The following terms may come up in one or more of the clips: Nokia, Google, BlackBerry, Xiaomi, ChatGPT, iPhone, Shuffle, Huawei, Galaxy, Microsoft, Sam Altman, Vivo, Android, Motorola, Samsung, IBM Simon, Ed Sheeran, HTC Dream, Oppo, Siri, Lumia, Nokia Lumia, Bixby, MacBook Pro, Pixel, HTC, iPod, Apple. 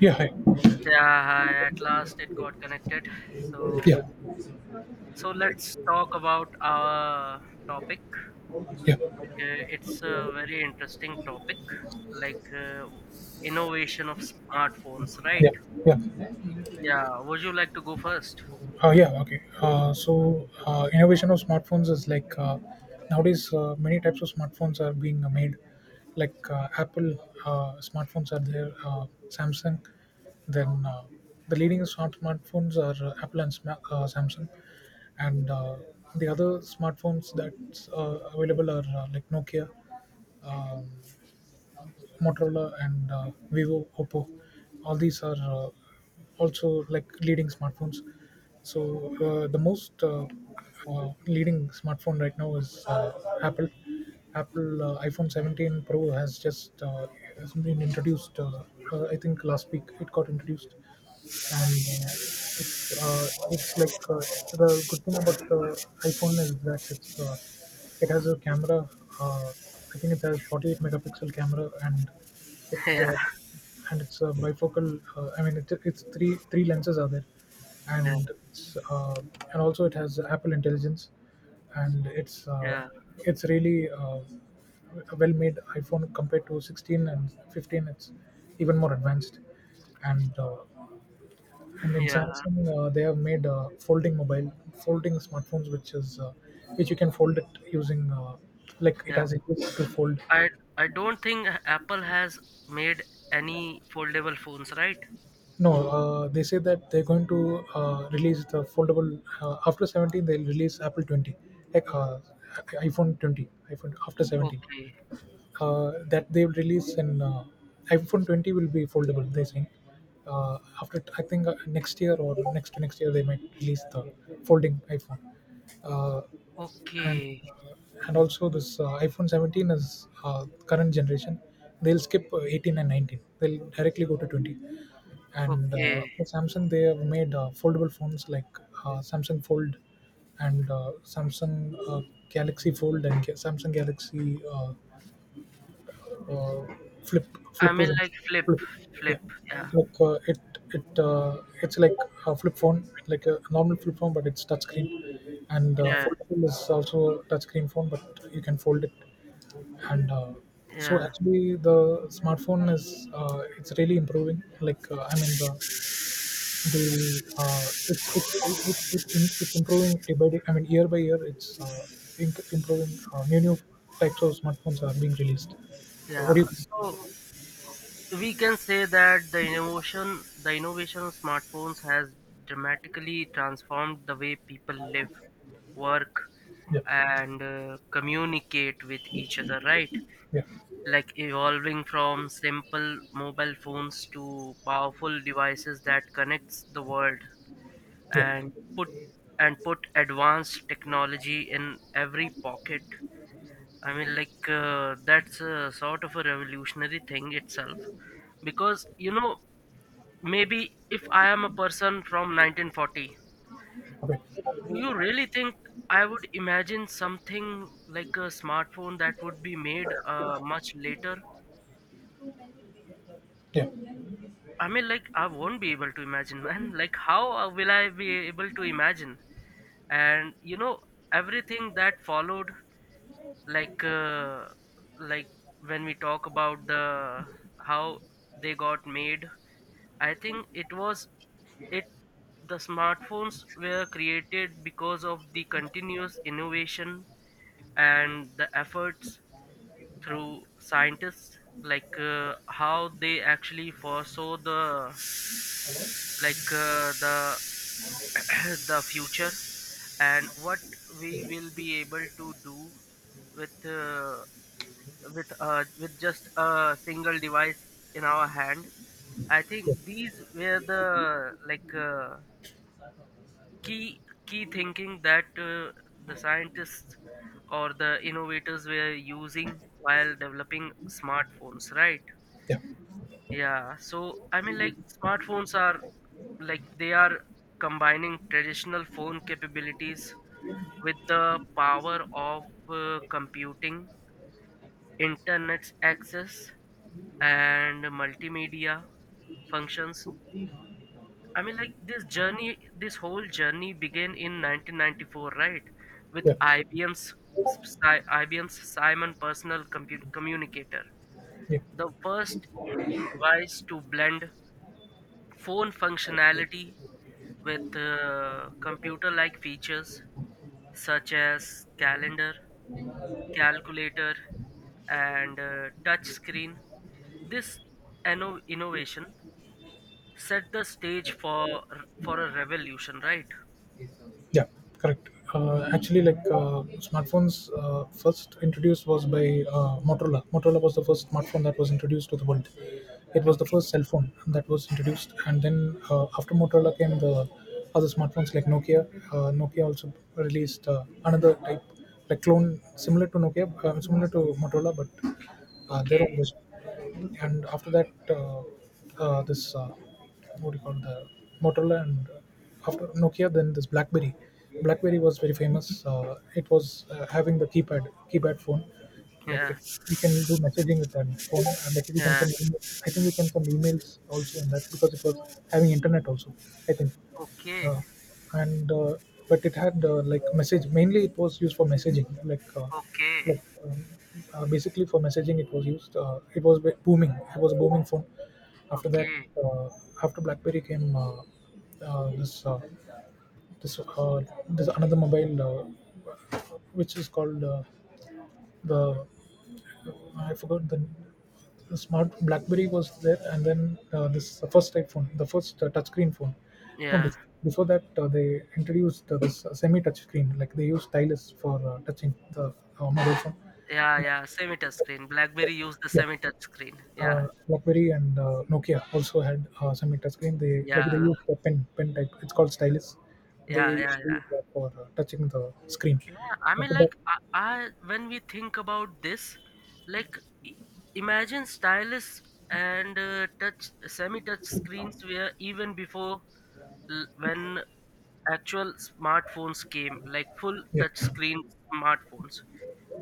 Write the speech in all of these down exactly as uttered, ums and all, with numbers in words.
Yeah, hi. Yeah, hi. At last it got connected. So, Yeah, so let's talk about our topic. yeah, Like, uh, it's a very interesting topic, like uh, w- innovation of smartphones, right? yeah, yeah. Yeah. Would you like to go first? Uh, yeah, okay. Uh, so, uh, innovation of smartphones is like, uh, nowadays uh, many types of smartphones are being uh, made. Like, uh, Apple uh, smartphones are there, uh, Samsung. Then uh, the leading smart smartphones are uh, Apple and Sma- uh, Samsung, and uh, the other smartphones that's uh, available are uh, like Nokia. Um, Motorola and uh, Vivo, Oppo. All these are uh, also like leading smartphones. So uh, the most uh, uh, leading smartphone right now is uh, Apple. Apple uh, iPhone seventeen Pro has just uh, has been introduced. Uh, uh, I think last week it got introduced, and uh, it's uh, it's like uh, the good thing about the iPhone is that it's uh, it has a camera. Uh, I think it has forty-eight megapixel camera, and it's Yeah, uh, and it's a bifocal. Uh, I mean, it's it's three three lenses are there, yeah, and it's uh, and also it has Apple Intelligence, and it's uh, yeah, it's really uh, a well-made iPhone compared to sixteen and fifteen. It's even more advanced, and uh, and in yeah, Samsung, uh, they have made uh, folding mobile folding smartphones, which is uh, which you can fold it using uh, like it yeah. has a hook to fold. I I don't think Apple has made any foldable phones, right? No, uh, they say that they're going to uh, release the foldable uh, after seventeen. They'll release Apple twenty, like uh, iPhone twenty, iphone after 17 Okay, uh, that they will release in uh, iPhone twenty will be foldable. They think, uh, after, I think, uh, next year or next to next year, they might release the folding iPhone. uh, and okay, uh, and also this uh, iPhone seventeen is uh, current generation. They'll skip uh, eighteen and nineteen. They'll directly go to twenty. And uh, okay. for Samsung, they have made uh, foldable phones like uh, Samsung Fold and uh, Samsung uh, Galaxy Fold and Ga- Samsung Galaxy, uh, uh, flip. I Flip is mean, like flip, Flip, flip. yeah. Yeah, Like uh, it it uh, it's like a flip phone, like a normal flip phone, but it's touch screen, and uh, yeah, foldable is also a touch screen phone, but you can fold it. And uh, so yeah, actually the smartphone is, uh, it's really improving, like uh, I mean the the uh, it's it's it, it, it, it's improving day by day. I mean year by year, it's uh, inc- improving. uh, new new types of smartphones are being released. So what yeah. do you think? So we can say that the innovation, the innovation of smartphones has dramatically transformed the way people live, work, Yeah. and uh, communicate with each other, right? Yeah. Like evolving from simple mobile phones to powerful devices that connects the world Yeah. and put and put advanced technology in every pocket. I mean, like uh, that's a sort of a revolutionary thing itself because you know maybe if I am a person from nineteen forty, Okay. do you really think I would imagine something like a smartphone that would be made uh, much later? Yeah. Yeah. I mean, like, I won't be able to imagine, man. Like, how uh, will I be able to imagine? And, you know, everything that followed, like, uh, like when we talk about the how they got made. I think it was It the smartphones were created because of the continuous innovation and the efforts through scientists, like uh, how they actually foresaw the like uh, the the future and what we will be able to do with uh, with uh, with just a single device in our hand. I think Yeah. these were the like uh, key key thinking that uh, the scientists or the innovators were using while developing smartphones, right? Yeah, so I mean, like smartphones are, like they are combining traditional phone capabilities with the power of uh, computing, internet access, and multimedia functions. I mean, like this journey, this whole journey began in nineteen ninety-four, right? With Yeah. I B M's Si- I B M's Simon Personal Compu- Communicator, Yeah. the first device to blend phone functionality with uh, computer-like features such as calendar, calculator, and uh, touch screen. This inno- innovation set the stage for for a revolution, right? Yeah. Correct. Uh, actually, like, uh, smartphones uh, first introduced was by uh, Motorola. Motorola was the first smartphone that was introduced to the world. It was the Okay. first cell phone that was introduced, and then uh, after Motorola came the other smartphones like Nokia. Uh, Nokia also released uh, another type, like clone similar to Nokia, uh, similar to Motorola, but uh, their Okay. own version. And after that, uh, uh, this, uh, what do you call, the Motorola, and uh, after Nokia, then this blackberry blackberry was very famous. Uh, it was uh, having the keypad keypad phone, like Yeah, it, you can do messaging with that phone, and like you can yeah. send email- I think you can send emails also in that, because it was having internet also, I think. Okay, uh, and uh, but it had uh, like message, mainly it was used for messaging, like uh, okay, like um, uh, basically for messaging it was used. Uh, it was ba- booming. It was a booming phone. After that, okay. uh, after Blackberry came, uh, uh, this uh, this uh, this another mobile, uh, which is called, uh, the, I forgot. The smart BlackBerry was there, and then uh, this first iPhone, the first uh, touchscreen phone. No, Yeah, bef- before that uh, they introduced uh, this uh, semi-touch screen, like they use stylus for uh, touching the uh, mobile phone. yeah, yeah. Semi touch screen. BlackBerry used the Yeah, semi touch screen. Yeah, uh, BlackBerry and uh, Nokia also had uh, semi-touch screen. They, like they yeah, used a pen pen type. It's called stylus. yeah, They yeah, used to yeah. use that for uh, touching the screen. Yeah, I After mean, like, that, I, I when we think about this, like, i- imagine stylus and uh, touch semi touch screens were even before l- when actual smartphones came, like full yeah. touch screen smartphones.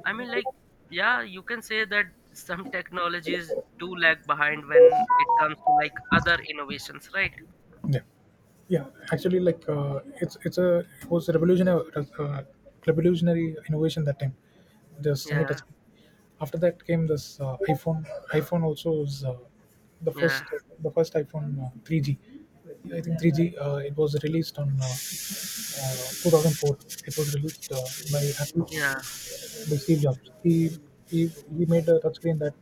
I mean, like, yeah, you can say that some technologies do lag behind when it comes to like other innovations, right? Yeah, yeah. Actually, like uh, it's it's a it was a revolutionary uh, revolutionary innovation that time. The semi-touch. Yeah, After that came this, uh, iPhone. iPhone also was uh, the yeah, first the first iPhone, uh, three G. I think three G. Uh, it was released on, uh, uh, two thousand four. It was released uh, by Apple, yeah, by Steve Jobs. He he, he made a touchscreen that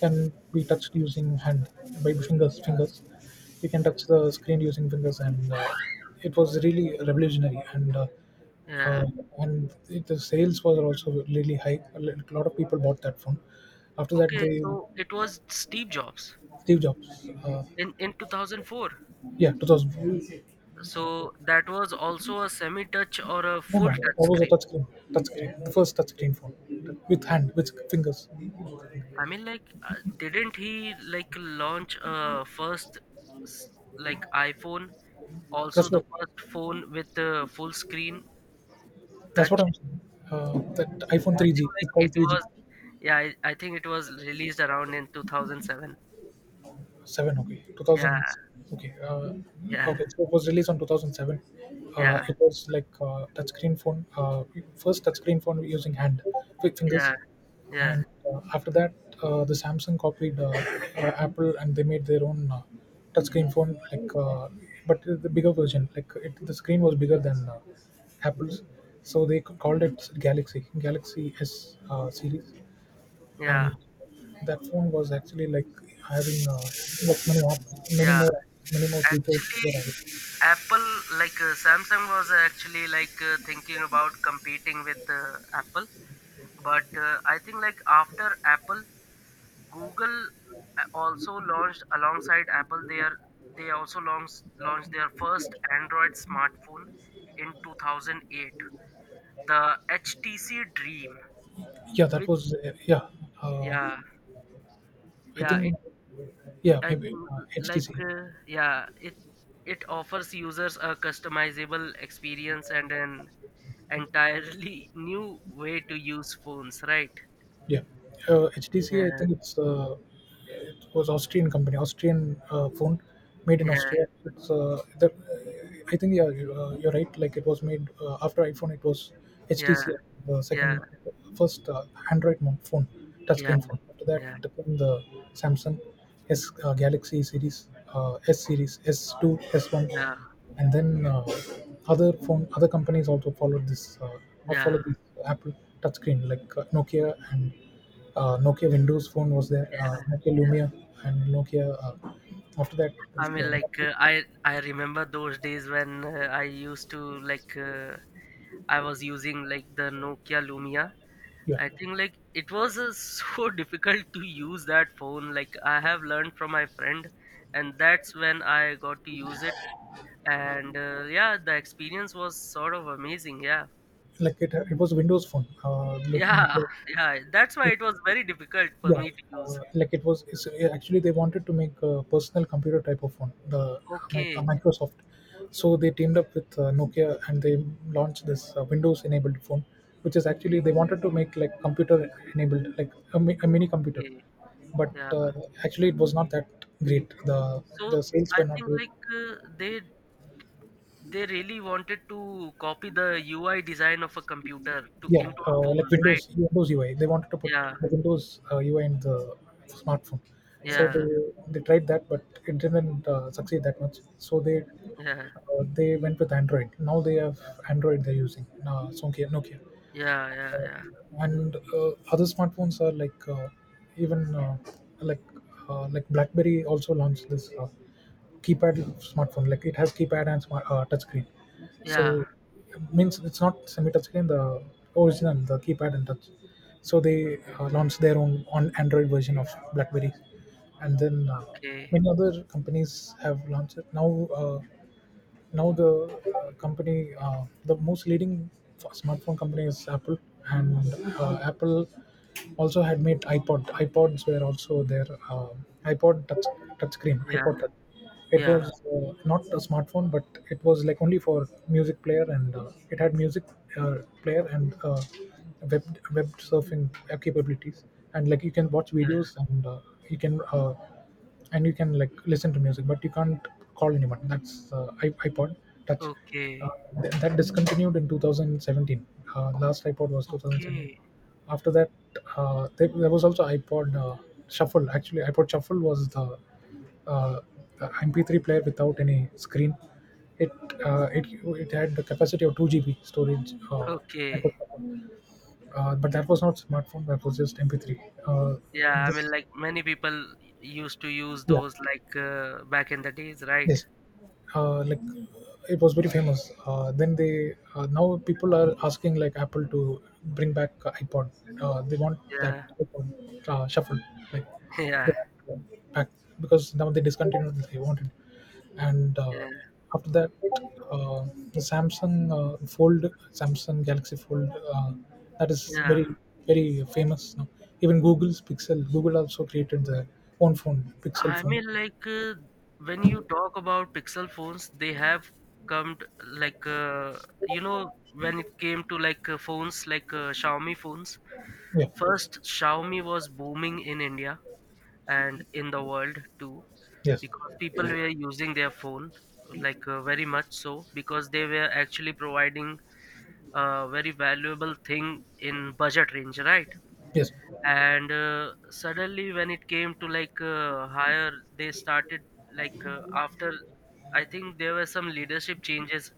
can be touched using hand, by fingers. Fingers, you can touch the screen using fingers, and uh, it was really revolutionary. And uh, uh, yeah. and it, the sales was also really high. A li- lot of people bought that phone. After that, Okay, they. so it was Steve Jobs Steve Jobs. Uh, in in two thousand four. Yeah, two thousand. So that was also a semi-touch or a No, full no, touch that was a screen. touchscreen. Touchscreen, the first touchscreen phone, with hand, with fingers. I mean, like, uh, didn't he like launch a first s- like iPhone, also That's the what first phone with a full screen That's what touch? I'm saying. Uh, that iPhone I think three G, like it's it called three G. was Yeah, I, I think it was released around in two thousand seven. seven, okay. Yeah, two thousand, okay. Uh, yeah, Okay, so it was released on two thousand seven. Uh, yeah, It was like uh, touchscreen phone. Uh, first touchscreen phone using hand, with fingers. yeah, yeah, And uh, after that, uh, the Samsung copied uh, uh, Apple, and they made their own uh, touchscreen phone, like, uh, but the bigger version. Like it, the screen was bigger than uh, Apple's. So they c- called it Galaxy, Galaxy S uh, series, yeah, and that phone was actually like having uh, like many apps, many yeah. more apps, many more features Actually, were added. Apple, like uh, Samsung was actually like uh, thinking about competing with uh, Apple, but uh, I think like after Apple, Google uh, also launched alongside Apple their they also launched launched their first Android smartphone in two thousand eight, the H T C Dream, Yeah, that which was uh, yeah. Uh, yeah I yeah think, it yeah, I maybe think uh, like H T C. uh, yeah, it it offers users a customizable experience and an entirely new way to use phones, right? Yeah, uh, H T C. I Yeah, think it's uh, it was Austrian company, Austrian uh, phone, made in yeah, Austria. It's uh, the, I think, yeah, you- uh, you're right. Like it was made uh, after iPhone. It was yeah, H T C, the yeah, second, first uh, Android mo- phone, yeah, touchscreen phone. After that, yeah, the, the Samsung S uh, Galaxy series, uh, S series, S two, S one, yeah, and then uh, other phone, other companies also followed this, uh, or yeah, followed this Apple touchscreen, like uh, Nokia, and uh, Nokia Windows phone was there, uh, Nokia yeah. Lumia, and Nokia. Uh, after that I was, uh, mean, like uh, I I remember those days when uh, I used to like uh, I was using like the Nokia Lumia. yeah, I think like it was uh, so difficult to use that phone. Like I have learned from my friend, and that's when I got to use it. And uh, yeah, the experience was sort of amazing. Yeah, like it, it was a Windows phone. Uh, look, yeah, Nokia. yeah. That's why it was very difficult for Yeah, me to use. uh, like it was. It's, uh, actually, they wanted to make a personal computer type of phone, the Mi- uh, Okay, Microsoft. So they teamed up with uh, Nokia, and they launched this uh, Windows-enabled phone, which is actually, they wanted to make like computer-enabled, like a, mi- a mini computer. okay, But yeah. uh, actually, it was not that great. The So the sales were I not think good. like uh, they they really wanted to copy the U I design of a computer to Yeah, into a uh, like phone, right? Windows Windows U I. They wanted to put Yeah, Windows uh, U I in the smartphone, so they yeah, they tried that, but it didn't uh, succeed that much. So they yeah, uh, they went with Android. Now they have Android. They're using uh, Nokia. Nokia, yeah, uh, yeah, yeah, and uh, other smartphones are like uh, even, uh, like uh, like BlackBerry also launched this. Uh, keypad smartphone, like it has keypad and smart uh, touch screen. yeah. So means, it's not semi touch screen, the original, the keypad and touch. So they uh, launched their own on Android version of Blackberry. And then uh, Okay. many other companies have launched it now. uh, now the uh, company uh, the most leading f- smartphone company is Apple. And uh, Apple also had made iPod. iPods were also there. Uh, iPod touch, touchscreen. Yeah, iPod touch. It yeah, was uh, not a smartphone, but it was like only for music player, and uh, it had music uh, player, and uh, web web surfing capabilities. And like you can watch yeah. videos, and uh, you can uh, and you can like listen to music, but you can't call anyone. That's uh, i- iPod Touch. Okay, Uh, th- that discontinued in two thousand seventeen. Uh, last iPod was two thousand seventeen. okay, After that, uh, there, there was also iPod, uh, Shuffle. Actually, iPod Shuffle was the, uh, the M P three player without any screen. It uh, it it had the capacity of two G B storage. Uh, okay. iPod Shuffle. Uh, but that was not smartphone. That was just M P three. Uh, and Yeah, I mean, this, like many people used to use yeah. those like uh, back in the days, right? Yes, uh, like it was very famous. Uh, then they uh, now people are asking like Apple to bring back iPod. Uh, they want that Yeah, iPod uh, shuffle, like they yeah, want it back because now they discontinued. They wanted, and uh, yeah, after that, uh, the Samsung uh, Fold, Samsung Galaxy Fold, uh, that is yeah. very very famous now. Even Google's Pixel, Google also created their own phone, Pixel I phone. mean, like uh, when you talk about Pixel phones, they have come t like uh, you know when it came to like uh, phones like uh, Xiaomi phones. Yeah. First, Xiaomi was booming in India and in the world too, Yes. because people were using their phone like uh, very much, so because they were actually providing a very valuable thing in budget range, right? Yes. And uh, suddenly when it came to like uh, higher, they started like uh, after, I think there were some leadership changes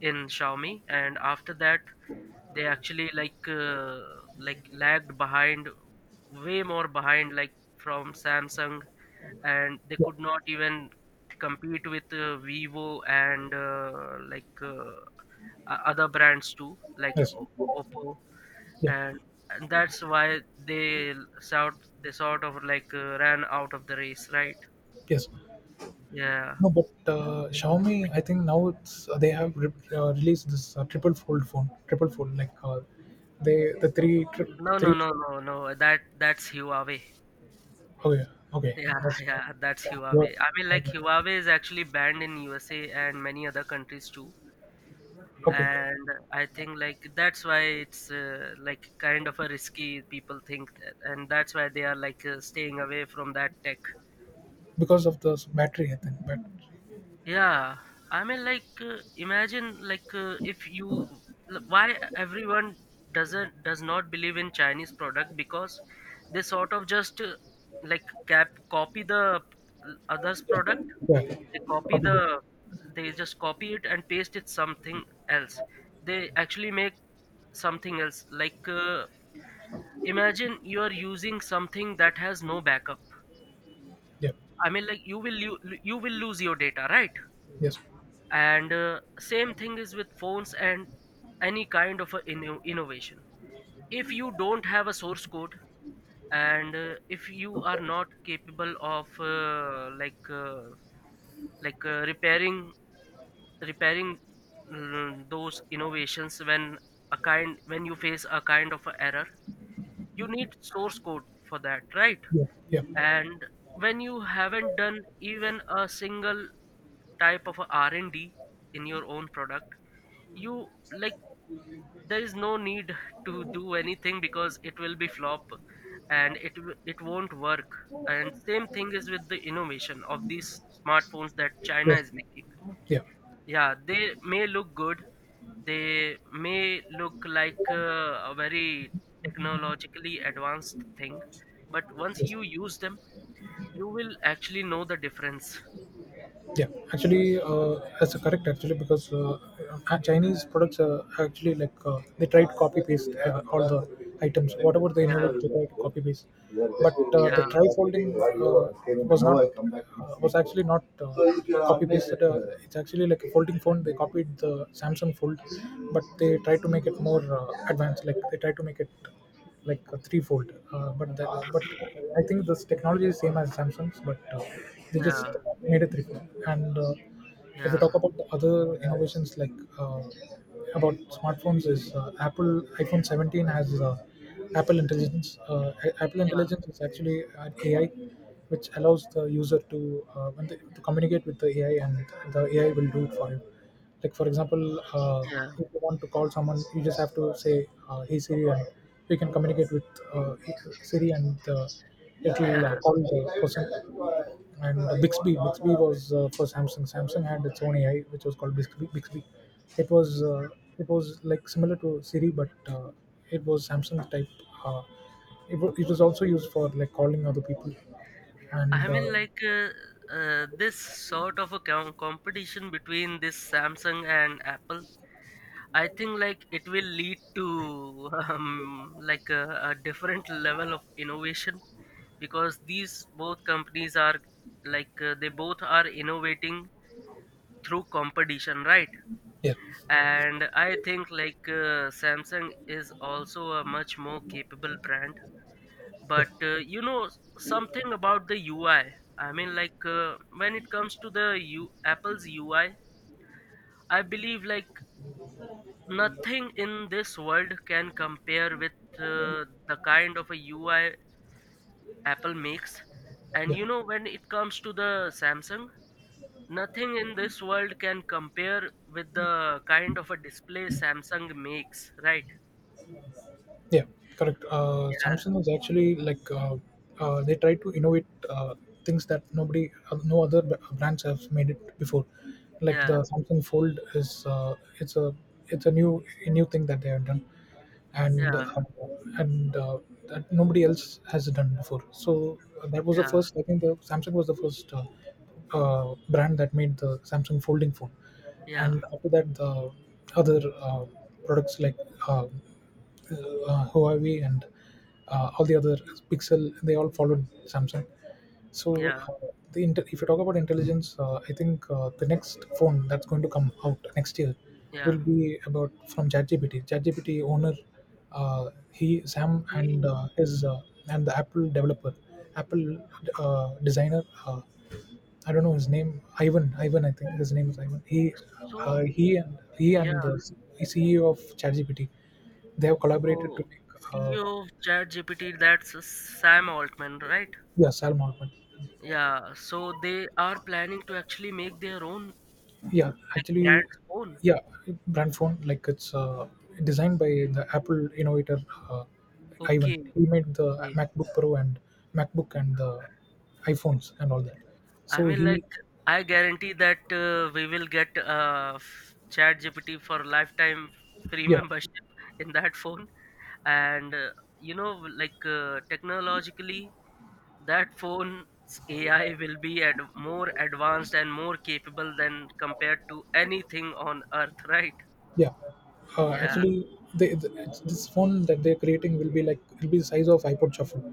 in Xiaomi, and after that they actually like uh, like lagged behind, way more behind, like from Samsung, and they Yeah. could not even compete with uh, Vivo and uh, like uh, o- other brands too like Yes. O- O- oppo, Yeah. and and that's why they l- sort they sort of like uh, ran out of the race, right? Yes. Yeah. No, but uh, Xiaomi, I think now it's uh, they have re- uh, released this uh, triple fold phone, triple fold, like uh, they the three tri- No, no, three. no, no, no, that that's Huawei. Oh yeah. Okay. Yeah, That's yeah, that's uh, Huawei. I mean, like yeah. Huawei is actually banned in U S A and many other countries too, Okay, and I think like that's why it's uh, like kind of a risky, people think, uh, and that's why they are like uh, staying away from that tech. because of the battery, I think. But Yeah, I mean, like uh, imagine, like uh, if you l- why everyone doesn't does not believe in Chinese product, because they sort of just uh, like cap copy the p- others product. yeah, they copy probably. the they just copy it and paste it something else. They actually make something else, like uh, imagine you are using something that has no backup. Yeah. I mean, like you will lo- you will lose your data, right? Yes. And uh, same thing is with phones and any kind of a inno- innovation. If you don't have a source code, and uh, if you are not capable of uh, like uh, like uh, repairing repairing mm, those innovations, when a kind when you face a kind of a error, you need source code for that, right? Yeah. Yeah. And when you haven't done even a single type of a R and D in your own product, you like, there is no need to do anything because it will be flop, and it w- it won't work. And same thing is with the innovation of these smartphones that china Yes. is making. Yeah. Yeah, they may look good, they may look like uh, a very technologically advanced thing, but once Yes. you use them, you will actually know the difference. Yeah, actually, uh, that's a correct actually because uh, uh, Chinese products uh, actually like uh, they try to copy paste uh, all the items, whatever they Yeah, innovate, they try to copy paste. But uh, the yeah, try folding uh, was not uh, was actually not uh, copy pasted. Uh, it's actually like a folding phone. They copied the Samsung Fold, but they try to make it more uh, advanced. Like they try to make it like a threefold. Uh, but the, but I think this technology is same as Samsung's, but uh, they just yeah, made it threefold. And uh, if you talk yeah, about the other innovations like uh, about smartphones, is uh, Apple iPhone seventeen has uh, Apple Intelligence. Uh, A- Apple yeah, Intelligence is actually an A I which allows the user to uh, when they, to communicate with the A I, and the A I will do it for you. Like for example, uh, yeah, if you want to call someone, you just have to say, uh, "Hey Siri," and you can communicate with uh, Siri, and uh, it will uh, yeah. call the person. And uh, Bixby, Bixby was uh, for Samsung. Samsung had its own A I, which was called Bixby. Bixby. It was uh, it was like similar to Siri, but uh, it was Samsung type. Uh, it, wa- it was also used for like calling other people, I and uh, mean, like uh, uh, this sort of a com- competition between this Samsung and Apple. I think like it will lead to um, like a, a different level of innovation, because these both companies are, like uh, they both are innovating through competition, right? yeah, And I think like uh, Samsung is also a much more capable brand, yeah, but uh, you know s- something about the UI. I mean, like uh, when it comes to the U- apple's UI, I believe like nothing in this world can compare with uh, the kind of a UI Apple makes. And yeah. you know when it comes to the Samsung, nothing in this world can compare with the kind of a display Samsung makes, right? Yeah, correct. Uh, Samsung was actually like uh, uh, they tried to innovate uh, things that nobody, uh, no other b- uh, brands have made it before. Like Yeah, the Samsung Fold is uh, it's a it's a new a new thing that they have done, and yeah, uh, and uh, that nobody else has done before. So uh, that was the yeah, first. I think the Samsung was the first uh, uh, brand that made the Samsung folding phone, yeah, and after that the other uh, products like. Uh, uh, Huawei and uh, all the other Pixel, they all followed Samsung. So, yeah, uh, the inter- if you talk about intelligence, uh, I think uh, the next phone that's going to come out next year will yeah. be about from ChatGPT. ChatGPT owner, uh, he Sam and Okay. uh, his uh, and the Apple developer, Apple uh, designer. Uh, I don't know his name, Ivan. Ivan, I think his name is Ivan. He, So, uh, he and he yeah. and the C E O of ChatGPT, they have collaborated Oh, to make, uh, C E O of ChatGPT, that's uh, Sam Altman, right? yeah, Sam Altman. Yeah. So they are planning to actually make their own, Yeah, like actually, brand's own. yeah, brand phone like it's uh, designed by the Apple innovator uh, Ivan. Okay. He made the Okay. MacBook Pro and MacBook and the iPhones and all that. I So mean, he, like, I guarantee that uh, we will get uh, f- ChatGPT for lifetime free yeah. membership in that phone. And uh, you know, like, uh, technologically, that phone's A I will be ad- more advanced and more capable than compared to anything on earth, right? Yeah, uh, Yeah. actually, they, th- it's- this phone that they're creating will be like it'll be the size of iPod Shuffle.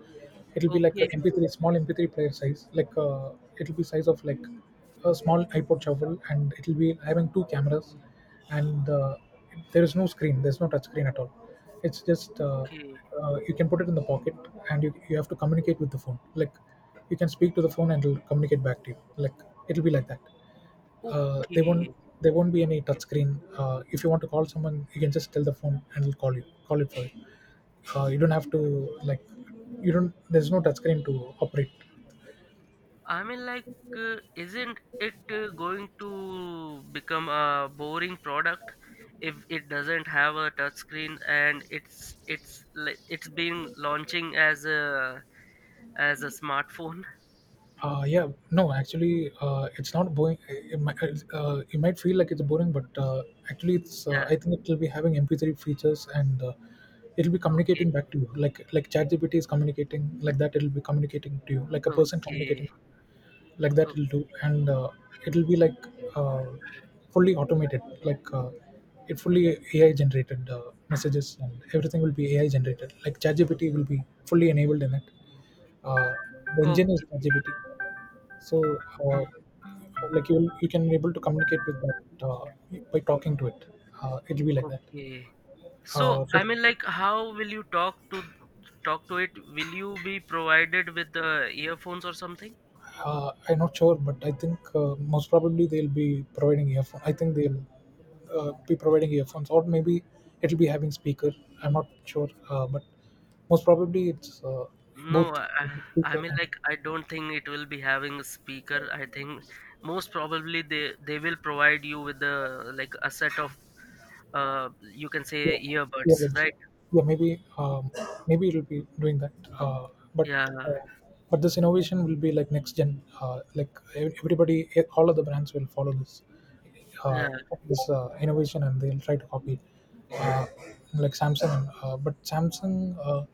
It'll be like a Okay. M P three, small M P three player size. Like uh, it'll be size of like a small iPod Shuffle, and it'll be having two cameras, and uh, there is no screen. There's no touch screen at all. It's just uh, Okay. Uh, you can put it in the pocket, and you you have to communicate with the phone. Like you can speak to the phone, and it'll communicate back to you. Like it'll be like that. Uh, they won't Okay. There won't be any touch screen. Uh, if you want to call someone, you can just tell the phone and it'll call you. Call it for you. Uh, you don't have to like you don't. There's no touch screen to operate. I mean, like, uh, isn't it uh, going to become a boring product if it doesn't have a touch screen, and it's it's like it's been launching as a as a smartphone? Uh, yeah, no, actually, uh, it's not boring. It might, uh, you might feel like it's boring, but uh, actually, it's. Uh, Yeah. I think it will be having M P three features, and uh, it'll be communicating Okay. back to you, like like ChatGPT is communicating like that. It'll be communicating to you, like a person Okay. communicating. Like that Okay. it'll do. And uh, it'll be like uh, fully automated, like uh, it fully A I generated uh, messages, and everything will be A I generated. Like ChatGPT will be fully enabled in it. uh, the Okay. engine is ChatGPT, so uh, like you you can be able to communicate with that uh, by talking to it. Uh, it'll be like that. Okay. So uh, so I mean, like, how will you talk to talk to it? Will you be provided with the earphones or something? Uh, I'm not sure, but I think uh, most probably they'll be providing earphones. I think they'll uh, be providing earphones, or maybe it'll be having speaker. I'm not sure, uh, but most probably it's uh, No, both I, I I speaker mean, and like, I don't think it will be having a speaker. I think most probably they they will provide you with the, like, a set of uh you can say yeah, yeah, earbuds, that's- right? yeah, maybe um, maybe it'll be doing that, uh, but Yeah, uh, but this innovation will be like next gen, uh, like ev- everybody, eh, all of the brands will follow this yeah. uh, this uh, innovation, and they'll try to copy uh, like Samsung. Uh, but Samsung uh,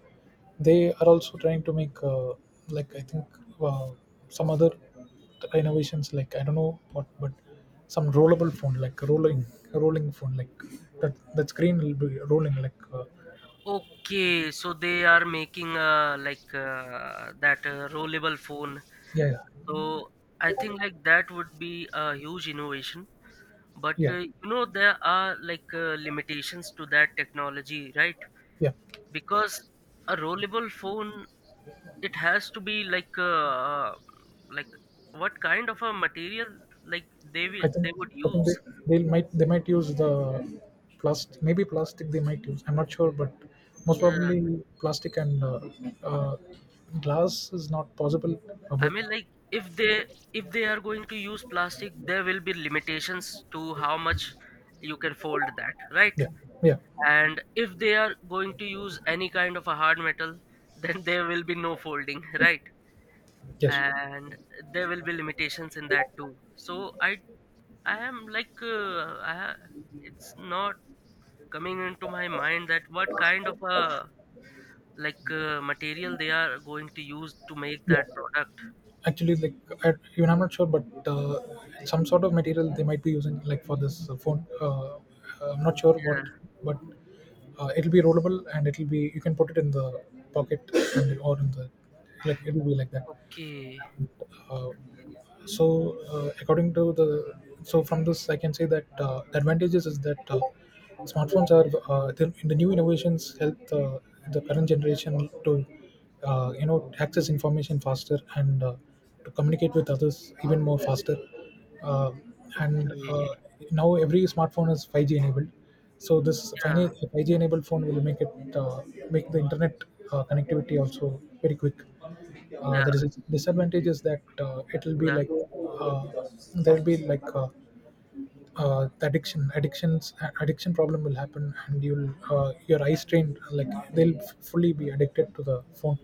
they are also trying to make uh, like I think uh, some other innovations like I don't know what, but some rollable phone like rolling rolling phone like that that screen will be rolling like uh, Okay, so they are making uh like uh, that uh, rollable phone. yeah yeah, So I think like that would be a huge innovation, but uh, yeah. you know there are like uh, limitations to that technology, right? Yeah. Because a rollable phone, it has to be like uh, uh, like, what kind of a material, like they will I think they would I think they use? they might they might use the plastic, maybe plastic they might use. I'm not sure, but most Yeah, probably plastic, and uh, uh, glass is not possible. Uh, I but mean, like if they if they are going to use plastic, there will be limitations to how much you can fold that, right? Yeah, yeah. And if they are going to use any kind of a hard metal, then there will be no folding, right? Yes, And there will be limitations in that too. So i i am like uh, I, ha- it's not coming into my mind that what kind of a, like uh, material they are going to use to make that yeah. product. Actually, like I, even I'm not sure, but uh, some sort of material they might be using like for this uh, phone uh, uh, I'm not sure what, Yeah, but uh, it'll be rollable, and it'll be you can put it in the pocket, and, or in the like it'll be like that. okay, Uh, so, uh, according to the So from this, I can say that uh, the advantages is that uh, smartphones are uh, the, the new innovations help uh, the current generation to uh, you know access information faster, and uh, to communicate with others even more faster. Uh, and uh, okay, Now every smartphone is five G enabled, so this five G, yeah, five G enabled phone will make it uh, make the internet uh, connectivity also very quick. Uh, yeah, There is a disadvantage is that uh, it will be yeah, like uh, there will be like uh, uh, the addiction addictions addiction problem will happen, and you'll uh, your eye strain, like they'll f- fully be addicted to the phone.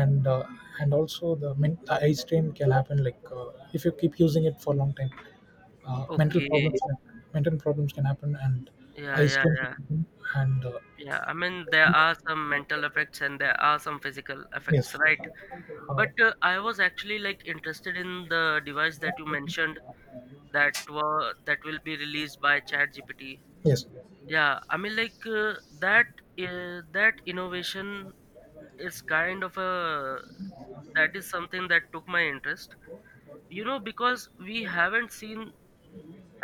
And uh, and also the, men- the eye strain can happen like uh, if you keep using it for a long time. uh, mental okay, problems Mental problems can happen, and yeah, eye yeah, strain can yeah, happen and uh, yeah. I mean, there are some mental effects and there are some physical yes, effects, right? uh, But uh, I was actually like interested in the device that you mentioned, that were that will be released by ChatGPT. yes, Yeah, I mean, like uh, that uh, that innovation is kind of a that is something that took my interest. You know, because we haven't seen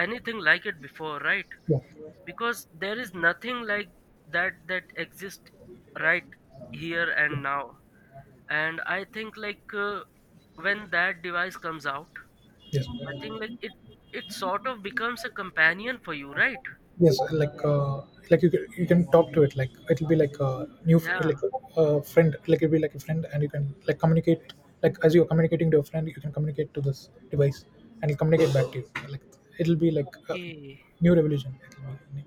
anything like it before, right? yeah, Because there is nothing like that that exists right here and now. And I think like uh, when that device comes out, yes. I think like it it sort of becomes a companion for you, right? Yes, like uh, like you can, you can talk to it. Like it'll be like a new fr- Yeah, like a friend. Like it'll be like a friend, and you can like communicate. Like as you're communicating to a friend, you can communicate to this device, and it'll communicate back to you. Like it'll be like a okay. new revolution. It'll be new.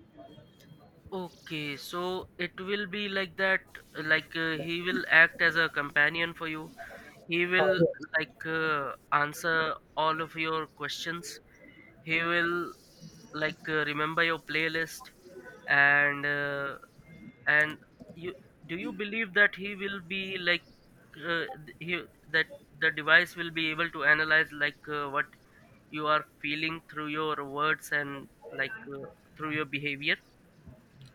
Okay. So it will be like that, like uh, he will act as a companion for you. He uh, will, Yeah. like uh, answer all of your questions. He will, like uh, remember your playlist, and uh, and you do you believe that he will be like uh, th- he that the device will be able to analyze, like uh, what you are feeling through your words and like uh, through your behavior?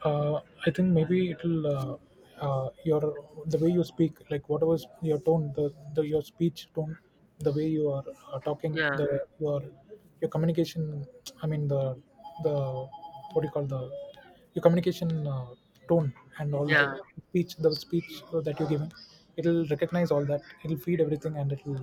uh, I think maybe it'll uh, uh, your the way you speak, like whatever is your tone, the, the your speech tone, the way you are uh, talking, Yeah. the your your communication. I mean the the what do you call the your communication uh, tone and all Yeah. the speech, the speech that you're giving. It'll recognize all that. It'll feed everything, and it'll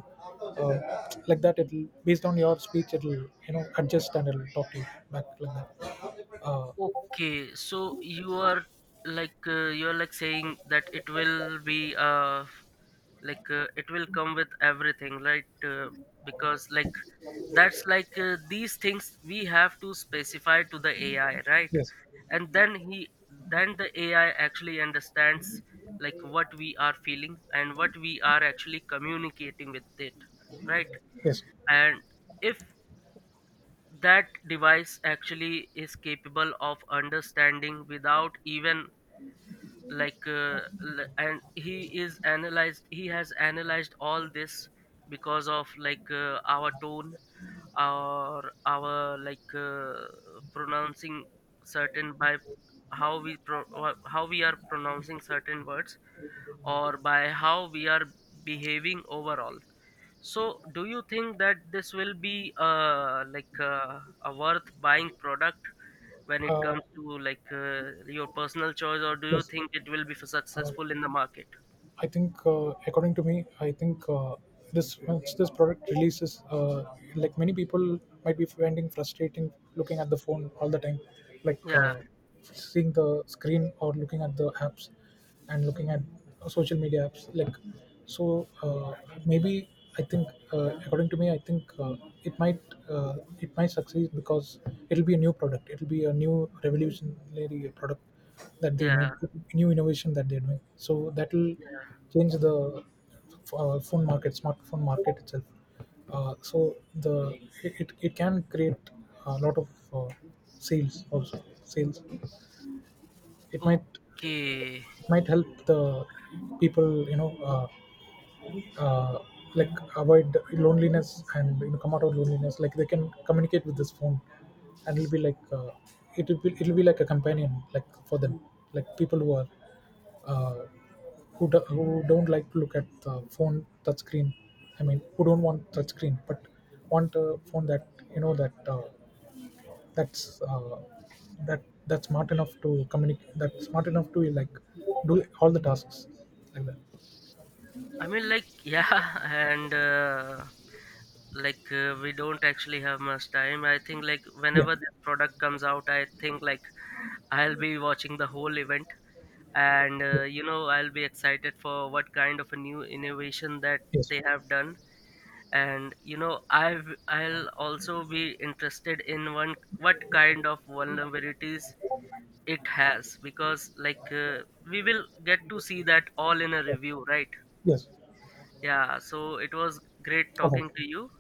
uh, like that. It'll based on your speech. It'll you know adjust, and it'll talk to you back like that. Uh, Okay, so you are like uh, you are like saying that it will be uh like uh, it will come with everything, right? Uh, because like that's like uh, these things we have to specify to the A I, right? Yes. And then he then the A I actually understands, like what we are feeling and what we are actually communicating with it, right? Yes. And if that device actually is capable of understanding without even, like uh, l- and he is analyzed he has analyzed all this because of, like uh, our tone, our our like uh, pronouncing certain by how we pro- wha- how we are pronouncing certain words, or by how we are behaving overall. So, do you think that this will be uh, like uh, a worth buying product when it Uh, comes to, like uh, your personal choice, or do you yes. think it will be f- Uh, successful in the market? I think, uh, according to me, I think uh, this once this product releases, uh, like many people might be finding frustrating looking at the phone all the time, like Yeah, uh, seeing the screen or looking at the apps and looking at social media apps. Like, so uh, maybe I think, uh, according to me, I think uh, it might uh, it might succeed because it'll be a new product. It'll be a new revolutionary product that they yeah, made, new innovation that they're doing, so that will yeah. change the uh, phone market smartphone market itself. uh, so the it, it it can create a lot of uh, sales also sales. It might Okay. might help the people you know uh, uh, like avoid loneliness and you know come out of loneliness. Like they can communicate with this phone, and it'll be like uh, it'll be it'll be like a companion like for them, like people who are uh, who, do, who don't like to look at the phone touch screen. I mean who don't want touch screen, but want a phone that you know that uh, that's uh, that that's smart enough to communicate, that's smart enough to like do all the tasks like that. I mean, like, yeah, and uh, like uh, we don't actually have much time. I think like Yeah, whenever this product comes out, I think like I'll be watching the whole event, and yeah. uh, you know, I'll be excited for what kind of a new innovation that Yes. they have done. And you know i've I'll also be interested in one what kind of vulnerabilities it has, because like uh, we will get to see that all in a review, right? Yes. Yes. Yeah, so it was great Okay. talking to you.